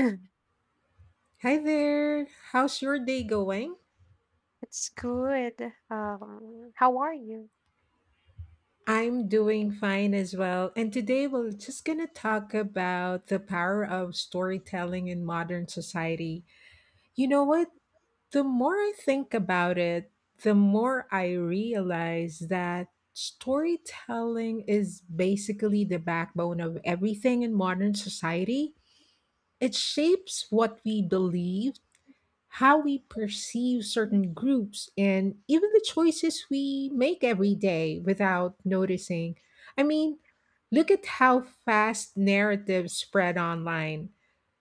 Hi there. How's your day going? It's good. How are you? I'm doing fine as well. And today we're just going to talk about the power of storytelling in modern society. You know what? The more I think about it, the more I realize that storytelling is basically the backbone of everything in modern society. It shapes what we believe, how we perceive certain groups and even the choices we make every day without noticing. I mean, look at how fast narratives spread online.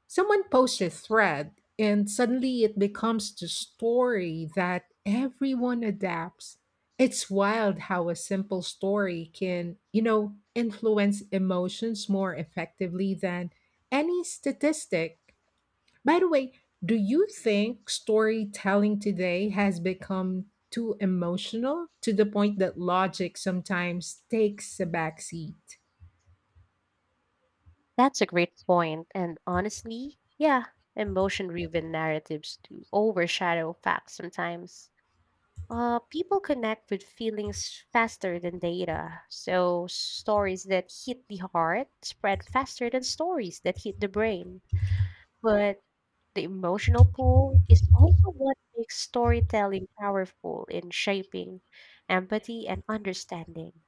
Someone posts a thread, and suddenly it becomes the story that everyone adapts. It's wild how a simple story can influence emotions more effectively than any statistic. By the way, do you think storytelling today has become too emotional to the point that logic sometimes takes a back seat? That's a great point. And honestly, yeah, emotion-driven narratives do overshadow facts sometimes. People connect with feelings faster than data, so stories that hit the heart spread faster than stories that hit the brain. But the emotional pull is also what makes storytelling powerful in shaping empathy and understanding.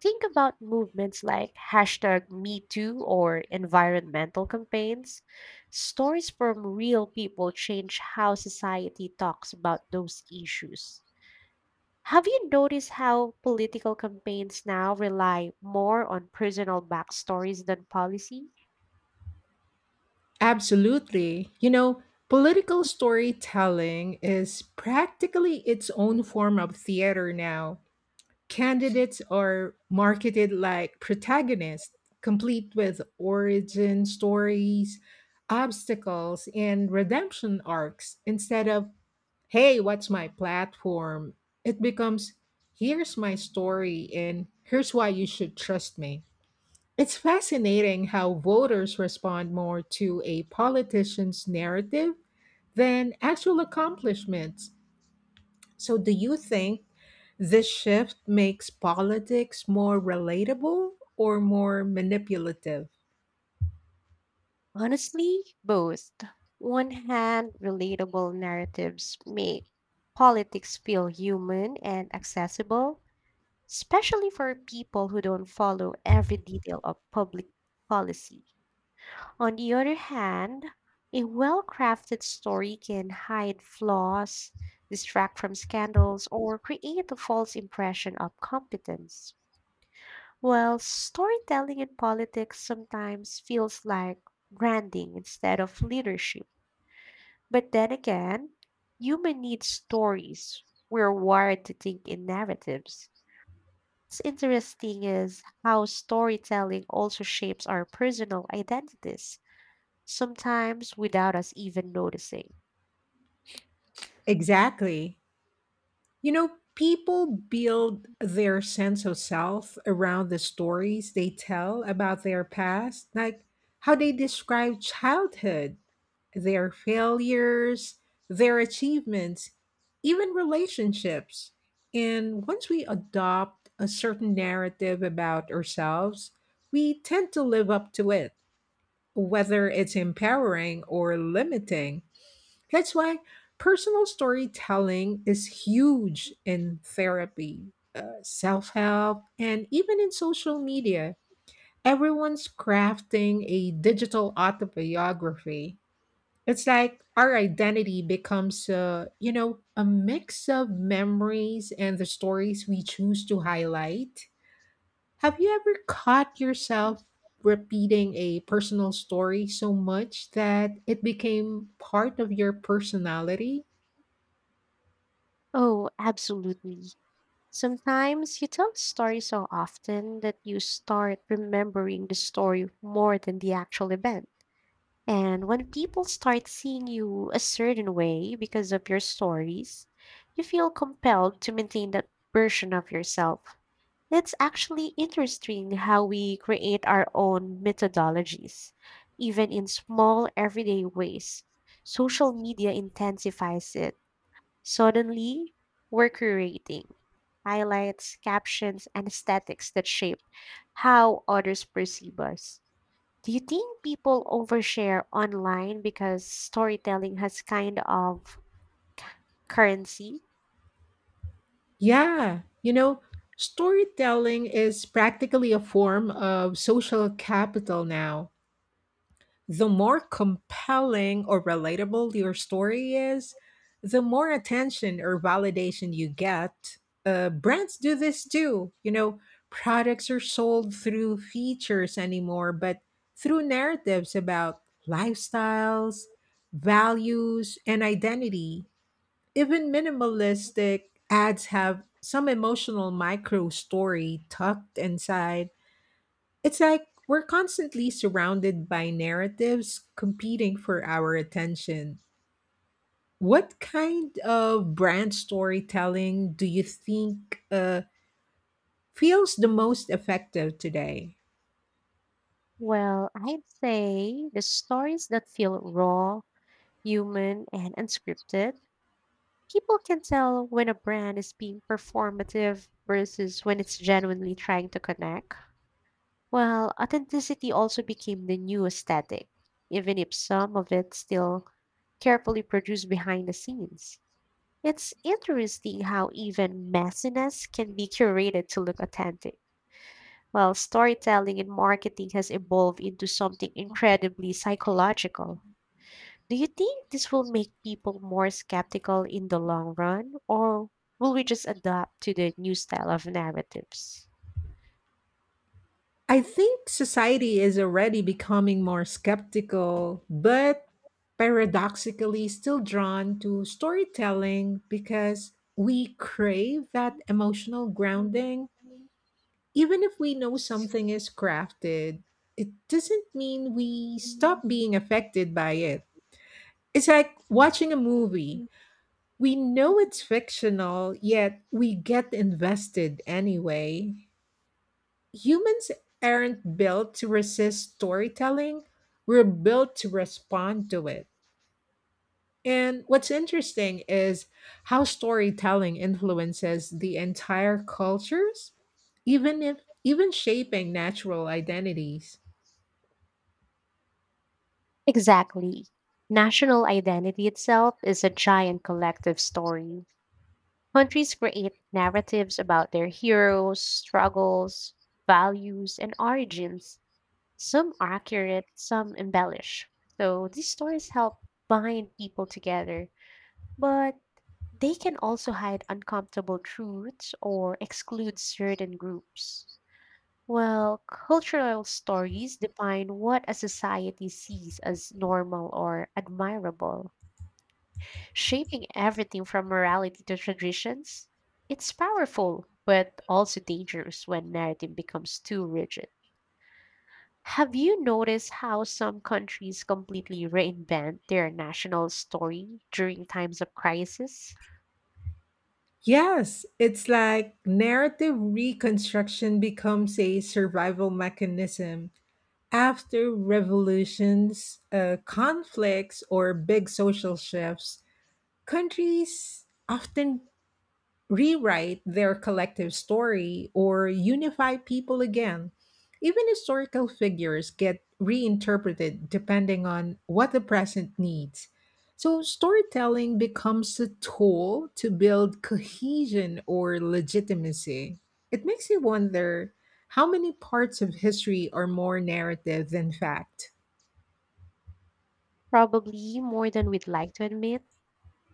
Think about movements like hashtag Me Too or environmental campaigns. Stories from real people change how society talks about those issues. Have you noticed how political campaigns now rely more on personal backstories than policy? Absolutely. Political storytelling is practically its own form of theater now. Candidates are marketed like protagonists, complete with origin stories, obstacles, and redemption arcs instead of hey, what's my platform? It becomes, here's my story and here's why you should trust me. It's fascinating how voters respond more to a politician's narrative than actual accomplishments. So, do you think this shift makes politics more relatable or more manipulative? Honestly, both. One hand, relatable narratives make politics feel human and accessible, especially for people who don't follow every detail of public policy. On the other hand, a well crafted story can hide flaws, distract from scandals, or create a false impression of competence. While storytelling in politics sometimes feels like branding instead of leadership. But then again, human needs stories. We're wired to think in narratives. What's interesting is how storytelling also shapes our personal identities, sometimes without us even noticing. Exactly. People build their sense of self around the stories they tell about their past, like how they describe childhood, their failures, their achievements, even relationships. And once we adopt a certain narrative about ourselves, we tend to live up to it, whether it's empowering or limiting. That's why personal storytelling is huge in therapy, self help, and even in social media. Everyone's crafting a digital autobiography. It's like our identity becomes, a mix of memories and the stories we choose to highlight. Have you ever caught yourself repeating a personal story so much that it became part of your personality? Oh, absolutely. Sometimes you tell a story so often that you start remembering the story more than the actual event. And when people start seeing you a certain way because of your stories, you feel compelled to maintain that version of yourself. That's actually interesting how we create our own methodologies, even in small everyday ways. Social media intensifies it. Suddenly, we're curating highlights, captions, and aesthetics that shape how others perceive us. Do you think people overshare online because storytelling has kind of currency? Yeah, storytelling is practically a form of social capital now. The more compelling or relatable your story is, the more attention or validation you get. Brands do this too. Products are sold through features anymore, but through narratives about lifestyles, values, and identity even minimalistic ads have some emotional micro story tucked inside. It's like we're constantly surrounded by narratives competing for our attention. What kind of brand storytelling do you think feels the most effective today? Well, I'd say the stories that feel raw, human and unscripted. People can tell when a brand is being performative versus when it's genuinely trying to connect. Well, authenticity also became the new aesthetic, even if some of it still carefully produced behind the scenes. It's interesting how even messiness can be curated to look authentic. While storytelling and marketing has evolved into something incredibly psychological. Do you think this will make people more skeptical in the long run, or will we just adapt to the new style of narratives? I think society is already becoming more skeptical, but paradoxically still drawn to storytelling because we crave that emotional grounding. Even if we know something is crafted, it doesn't mean we stop being affected by it. It's like watching a movie. We know it's fictional, yet we get invested anyway. Humans aren't built to resist storytelling. We're built to respond to it. And what's interesting is how storytelling influences the entire cultures, even if even shaping natural identities. Exactly. National identity itself is a giant collective story. Countries create narratives about their heroes, struggles, values, and origins. Some are accurate, some embellish. So these stories help bind people together. But they can also hide uncomfortable truths or exclude certain groups. Well, cultural stories define what a society sees as normal or admirable, shaping everything from morality to traditions. It's powerful, but also dangerous when narrative becomes too rigid. Have you noticed how some countries completely reinvent their national story during times of crisis? Yes, it's like narrative reconstruction becomes a survival mechanism after revolutions, conflicts, or big social shifts. Countries often rewrite their collective story or unify people again. Even historical figures get reinterpreted depending on what the present needs. So, storytelling becomes a tool to build cohesion or legitimacy. It makes you wonder how many parts of history are more narrative than fact? Probably more than we'd like to admit.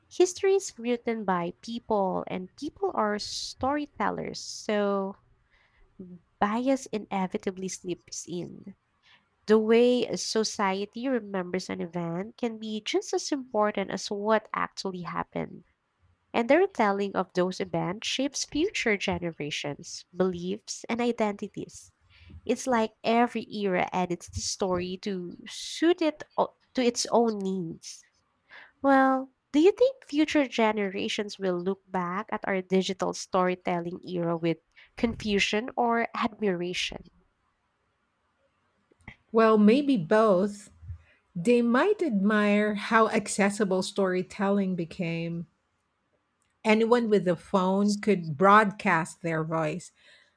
History is written by people and people are storytellers, so bias inevitably slips in. The way a society remembers an event can be just as important as what actually happened, and the retelling of those events shapes future generations beliefs and identities. It's like every era edits the story to suit to its own needs. Well, do you think future generations will look back at our digital storytelling era with confusion or admiration? Well, maybe both. They might admire how accessible storytelling became. Anyone with a phone could broadcast their voice,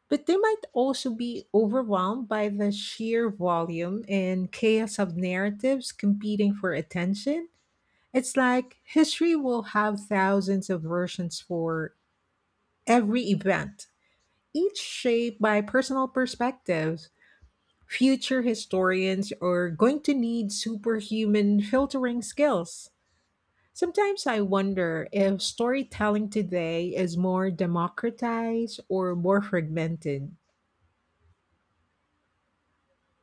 but they might also be overwhelmed by the sheer volume and chaos of narratives competing for attention. It's like history will have thousands of versions for every event, each shaped by personal perspectives. Future historians are going to need superhuman filtering skills. Sometimes I wonder if storytelling today is more democratized or more fragmented.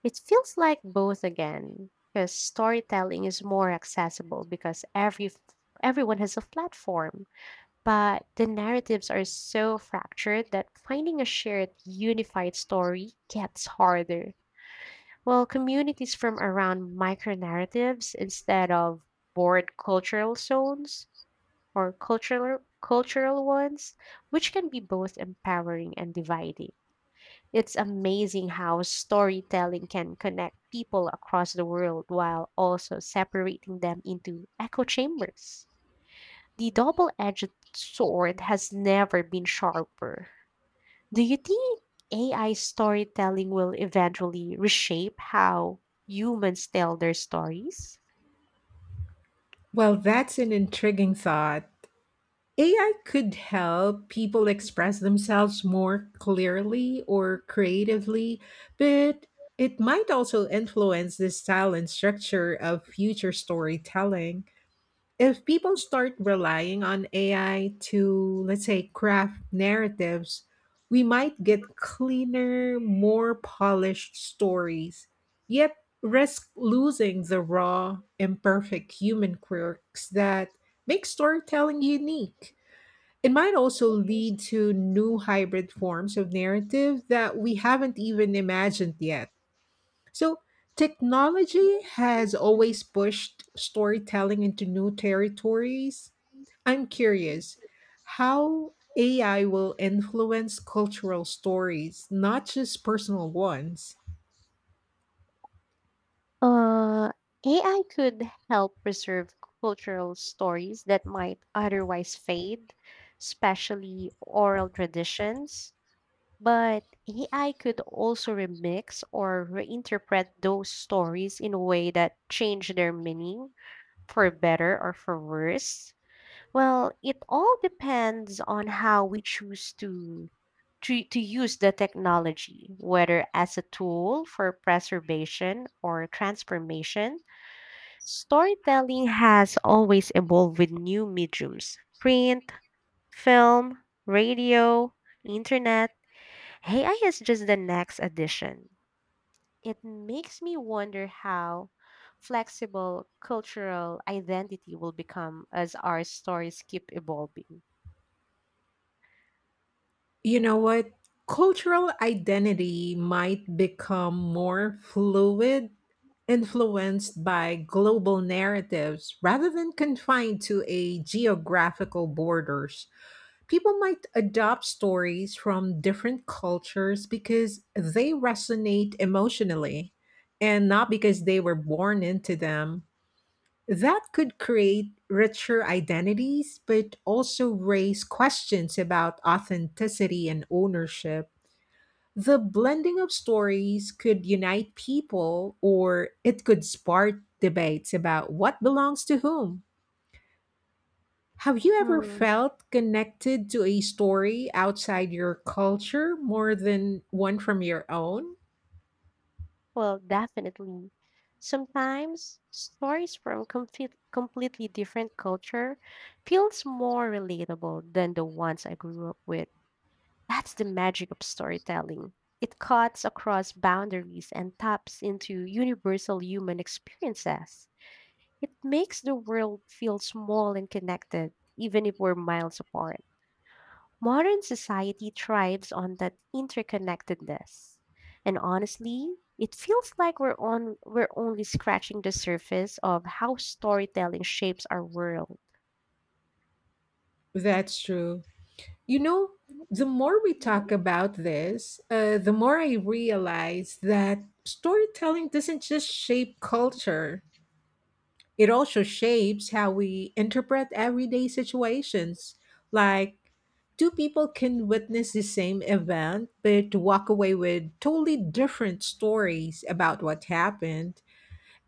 It feels like both again, because storytelling is more accessible because everyone has a platform, but the narratives are so fractured that finding a shared unified story gets harder. Well, communities from around micro narratives instead of board cultural zones or cultural ones, which can be both empowering and dividing. It's amazing how storytelling can connect people across the world while also separating them into echo chambers. The double-edged sword has never been sharper. Do you think AI storytelling will eventually reshape how humans tell their stories? Well, that's an intriguing thought. AI could help people express themselves more clearly or creatively, but it might also influence the style and structure of future storytelling. If people start relying on AI to, let's say, craft narratives, we might get cleaner, more polished stories, yet risk losing the raw, imperfect human quirks that make storytelling unique. It might also lead to new hybrid forms of narrative that we haven't even imagined yet. So, technology has always pushed storytelling into new territories. I'm curious how AI will influence cultural stories, not just personal ones. Uh, AI could help preserve cultural stories that might otherwise fade, especially oral traditions. But AI could also remix or reinterpret those stories in a way that change their meaning, for better or for worse. Well, it all depends on how we choose to use the technology, whether as a tool for preservation or transformation. Storytelling has always evolved with new mediums: print, film, radio, internet. AI is just the next addition. It makes me wonder how flexible cultural identity will become as our stories keep evolving. You know what? Cultural identity might become more fluid, influenced by global narratives rather than confined to a geographical borders. People might adopt stories from different cultures because they resonate emotionally and not because they were born into them. That could create richer identities, but also raise questions about authenticity and ownership. The blending of stories could unite people, or it could spark debates about what belongs to whom. Have you ever Hmm. felt connected to a story outside your culture more than one from your own? Well, definitely. Sometimes stories from completely different culture feels more relatable than the ones I grew up with. That's the magic of storytelling. It cuts across boundaries and taps into universal human experiences. It makes the world feel small and connected, even if we're miles apart. Modern society thrives on that interconnectedness. And honestly, it feels like we're only scratching the surface of how storytelling shapes our world. That's true. You know, the more we talk about this, the more I realize that storytelling doesn't just shape culture, it also shapes how we interpret everyday situations. Like, two people can witness the same event, but walk away with totally different stories about what happened.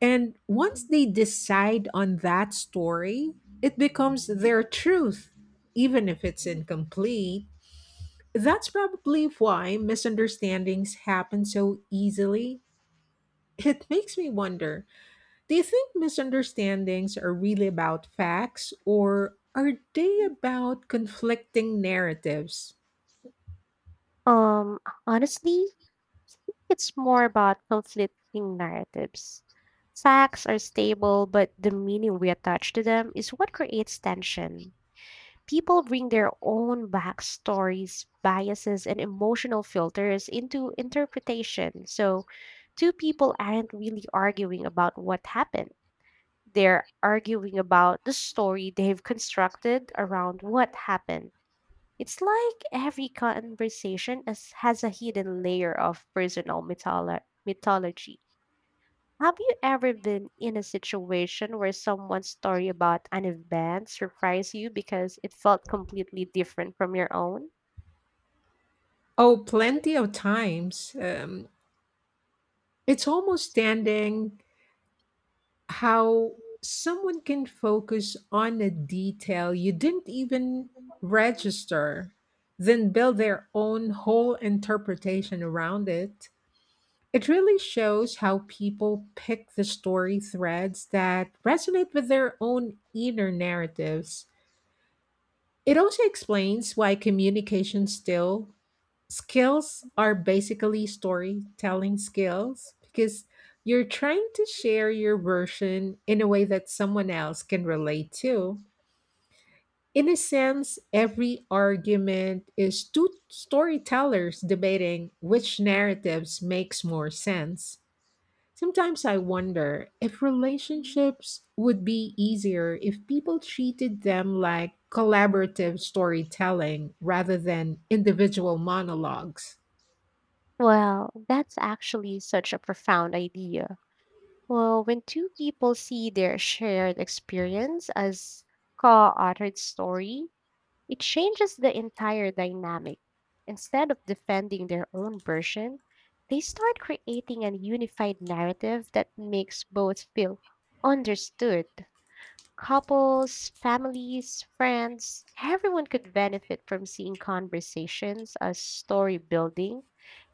And once they decide on that story, it becomes their truth, even if it's incomplete. That's probably why misunderstandings happen so easily. It makes me wonder, do you think misunderstandings are really about facts or are they about conflicting narratives? Um Honestly, it's more about conflicting narratives. Facts are stable, but the meaning we attach to them is what creates tension. People bring their own backstories, biases, and emotional filters into interpretation. So two people aren't really arguing about what happened. They're arguing about the story they've constructed around what happened. It's like every has a hidden layer of personal mythology. Have you ever been in a situation where someone's story about an event surprised you because it felt completely different from your own? Oh, plenty of times. It's almost standing how someone can focus on a detail you didn't even register, then build their own whole interpretation around it. It really shows how people pick the story threads that resonate with their own inner narratives. It also explains why communication still skills are basically storytelling skills because you're trying to share your version in a way that someone else can relate to. In a sense, every argument is two storytellers debating which narratives makes more sense. Sometimes I wonder if relationships would be easier if people treated them like collaborative storytelling rather than individual monologues. Well, that's actually such a profound idea. Well, when two people see their shared experience as co authored story, it changes the entire dynamic. Instead of defending their own version, they start creating a unified narrative that makes both feel understood. Couples, families, friends, everyone could benefit from seeing conversations as story building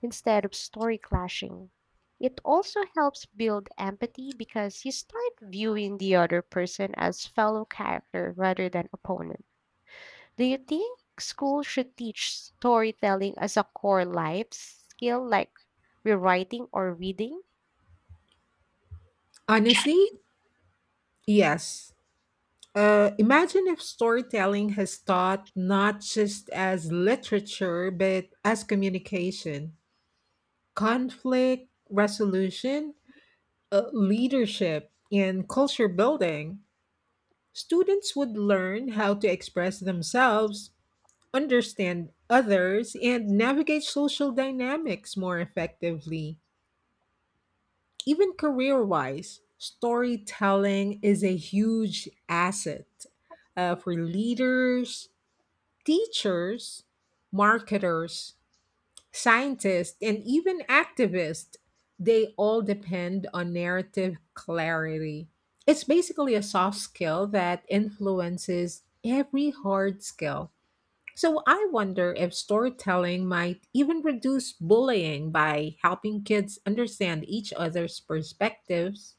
instead of story clashing. It also helps build empathy because you start viewing the other person as fellow character rather than opponent. Do you think school should teach storytelling as a core life skill like rewriting or reading? Honestly, yes. Imagine if storytelling has taught not just as literature but as communication, conflict resolution, leadership, and culture building. Students would learn how to express themselves understand others, and navigate social dynamics more effectively. Even career wise, storytelling is a huge asset for leaders, teachers, marketers, scientists, and even activists. They all depend on narrative clarity. It's basically a soft skill that influences every hard skill. So I wonder if storytelling might even reduce bullying by helping kids understand each other's perspectives.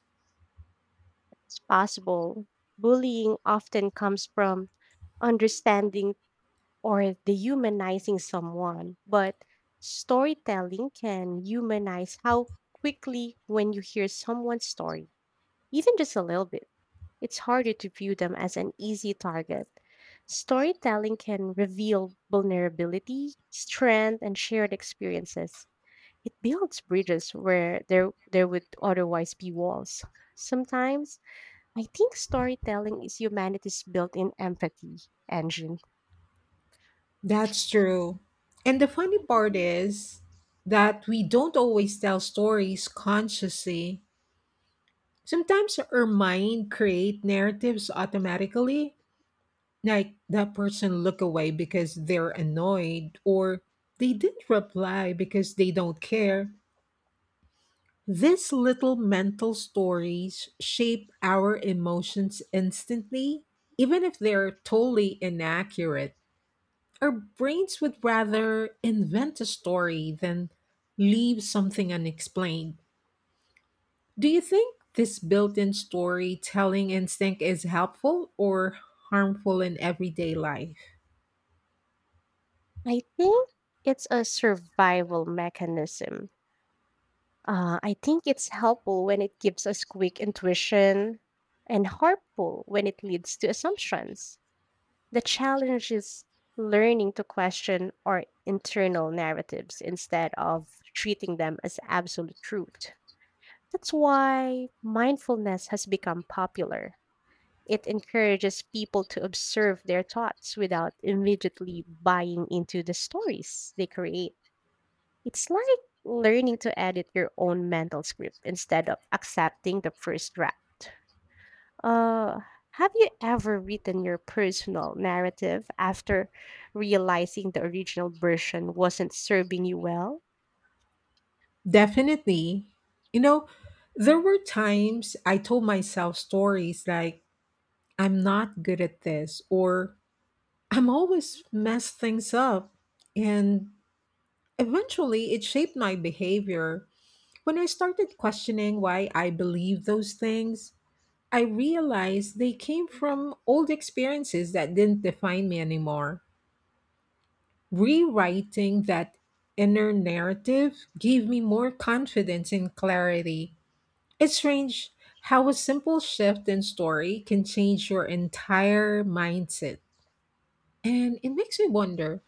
It's possible. Bullying often comes from understanding or dehumanizing someone, but storytelling can humanize how quickly. When you hear someone's story, even just a little bit, it's harder to view them as an easy target. Storytelling can reveal vulnerability, strength, and shared experiences. It builds bridges where there would otherwise be walls. Sometimes I think storytelling is humanity's built-in empathy engine. That's true. And the funny part is that we don't always tell stories consciously. Sometimes our mind create narratives automatically, like that person look away because they're annoyed or they didn't reply because they don't care. These little mental stories shape our emotions instantly, even if they're totally inaccurate. Our brains would rather invent a story than leave something unexplained. Do you think this built in storytelling instinct is helpful or harmful in everyday life? I think it's a survival mechanism. I think it's helpful when it gives us quick intuition and harmful when it leads to assumptions. The challenge is learning to question our internal narratives instead of treating them as absolute truth. That's why mindfulness has become popular. It encourages people to observe their thoughts without immediately buying into the stories they create. It's like learning to edit your own mental script instead of accepting the first draft. Uh, have you ever written your personal narrative after realizing the original version wasn't serving you well? Definitely. You know, there were times I told myself stories like, I'm not good at this, or I'm always messed things up. And eventually it shaped my behavior. When I started questioning why I believed those things, I realized they came from old experiences that didn't define me anymore. Rewriting that inner narrative gave me more confidence and clarity. It's strange how a simple shift in story can change your entire mindset. And it makes me wonder,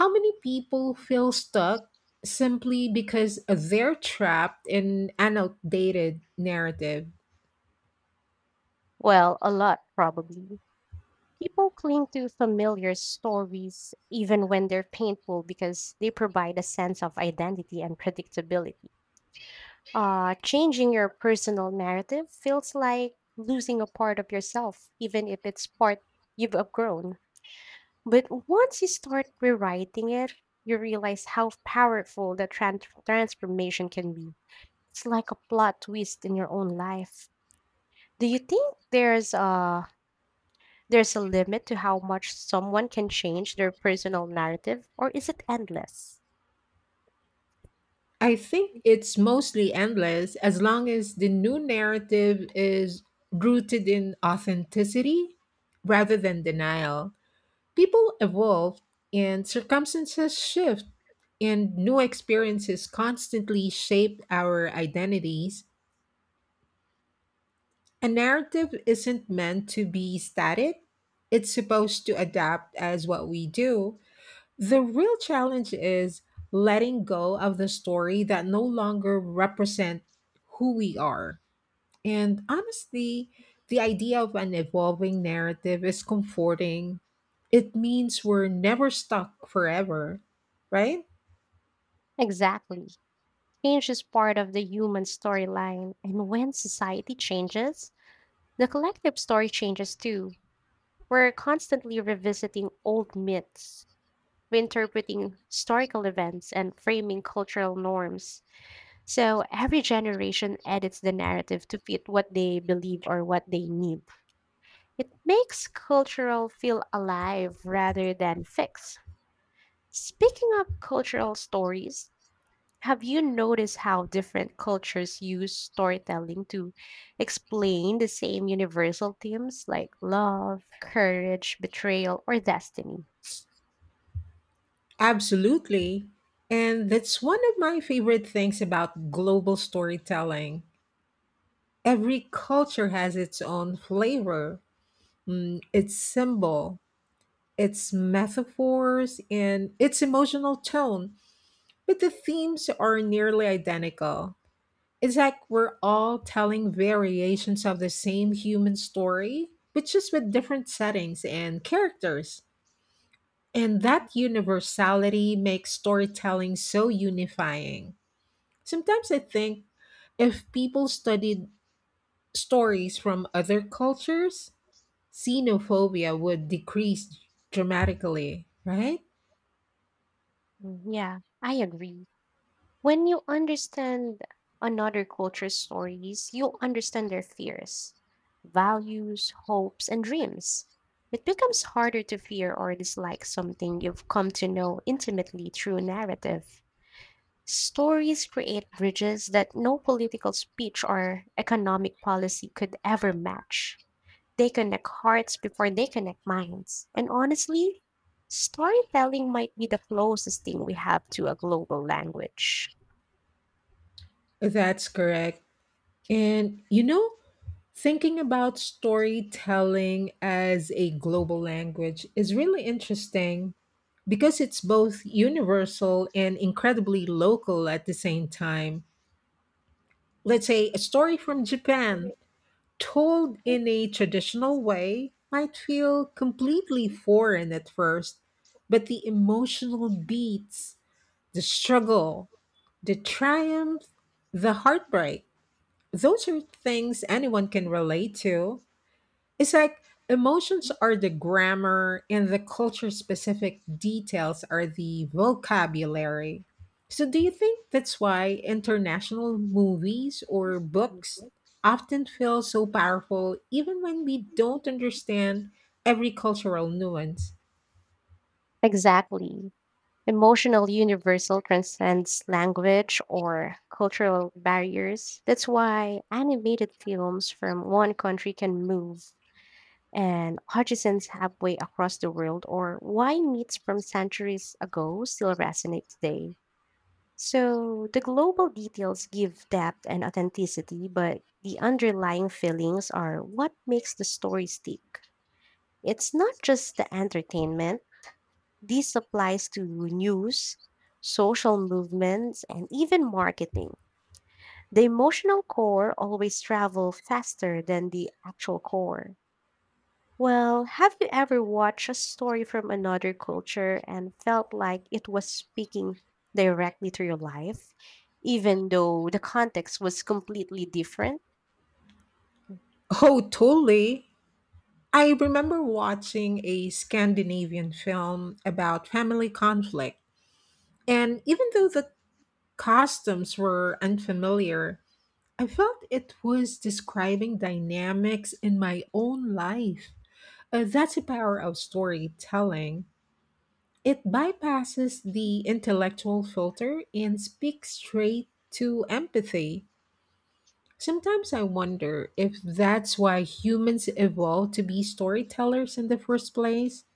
how many people feel stuck simply because they're trapped in an outdated narrative? Well, a lot, probably. People cling to familiar stories even when they're painful because they provide a sense of identity and predictability. Changing your personal narrative feels like losing a part of yourself, even if it's part you've outgrown. But once you start rewriting it, you realize how powerful the transformation can be. It's like a plot twist in your own life. Do you think there's a limit to how much someone can change their personal narrative, or is it endless? I think it's mostly endless as long as the new narrative is rooted in authenticity rather than denial. People evolve and circumstances shift, and new experiences constantly shape our identities. A narrative isn't meant to be static. It's supposed to adapt as what we do. The real challenge is letting go of the story that no longer represent who we are. And honestly, the idea of an evolving narrative is comforting. It means we're never stuck forever, right? Exactly. Change is part of the human storyline, and when society changes, the collective story changes too. We're constantly revisiting old myths, reinterpreting historical events, and framing cultural norms. So every generation edits the narrative to fit what they believe or what they need. It makes cultural feel alive rather than fixed. Speaking of cultural stories, have you noticed how different cultures use storytelling to explain the same universal themes like love, courage, betrayal, or destiny? Absolutely. And that's one of my favorite things about global storytelling. Every culture has its own flavor, its symbol, its metaphors, and its emotional tone, but the themes are nearly identical. It's like we're all telling variations of the same human story, but just with different settings and characters. And that universality makes storytelling so unifying. Sometimes I think if people studied stories from other cultures, xenophobia would decrease dramatically, right? Mm, yeah, I agree. When you understand another culture's stories, you understand their fears, values, hopes, and dreams. It becomes harder to fear or dislike something you've come to know intimately through narrative. Stories create bridges that no political speech or economic policy could ever match. They connect hearts before they connect minds. And honestly, storytelling might be the closest thing we have to a global language. That's correct. And thinking about storytelling as a global language is really interesting because it's both universal and incredibly local at the same time. Let's say a story from Japan told in a traditional way might feel completely foreign at first, but the emotional beats, the struggle, the triumph, the heartbreak. Those are things anyone can relate to. It's like emotions are the grammar and the culture specific details are the vocabulary. So, do you think that's why international movies or books often feel so powerful even when we don't understand every cultural nuance? Exactly. Emotional universal transcends language or cultural barriers. That's why animated films from one country can move and Hutchison's Halfway Across the World or Why Meats from Centuries Ago still resonate today. So the global details give depth and authenticity, but the underlying feelings are what makes the story stick. It's not just the entertainment, this applies to news, social movements, and even marketing. The emotional core always travel faster than the actual core. Well, have you ever watched a story from another culture and felt like it was speaking directly to your life, even though the context was completely different? Oh, totally. I remember watching a Scandinavian film about family conflict, and even though the costumes were unfamiliar, I felt it was describing dynamics in my own life. That's the power of storytelling. It bypasses the intellectual filter and speaks straight to empathy. Sometimes I wonder if that's why humans evolved to be storytellers in the first place.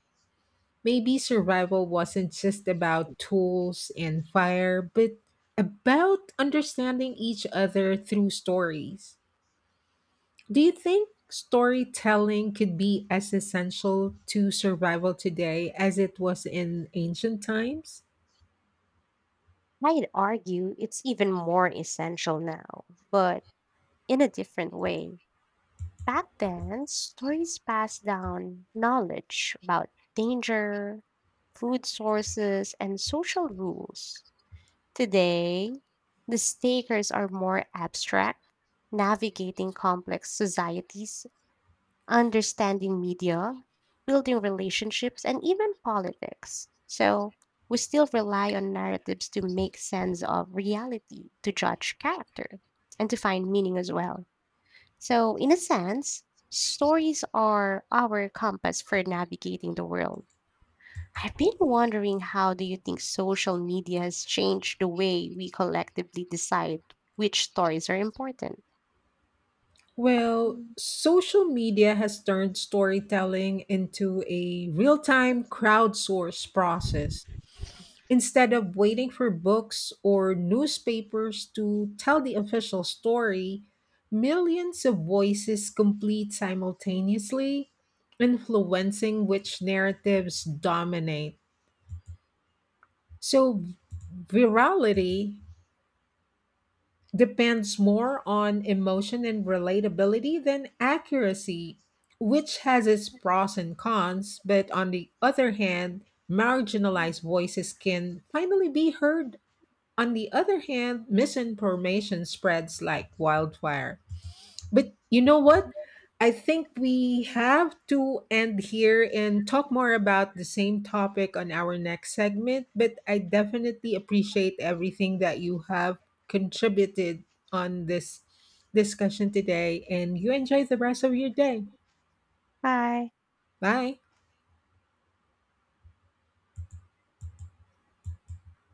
Maybe survival wasn't just about tools and fire, but about understanding each other through stories. Do you think storytelling could be as essential to survival today as it was in ancient times? I'd argue it's even more essential now, but in a different way. Back then, stories passed down knowledge about danger, food sources, and social rules. Today, the stakers are more abstract, navigating complex societies, understanding media, building relationships, and even politics. So we still rely on narratives to make sense of reality, to judge character, and to find meaning as well. So, in a sense, stories are our compass for navigating the world. I've been wondering, how do you think social media has changed the way we collectively decide which stories are important? Well, Mm. social media has turned storytelling into a real time crowdsourced process. Instead of waiting for books or newspapers to tell the official story, millions of voices complete simultaneously, influencing which narratives dominate. So, virality depends more on emotion and relatability than accuracy, which has its pros and cons, but on the other hand, marginalized voices can finally be heard. On the other hand, misinformation spreads like wildfire. But you know what? I think we have to end here and talk more about the same topic on our next segment. But I definitely appreciate everything that you have contributed on this discussion today, and you enjoy the rest of your day. Hi. Bye.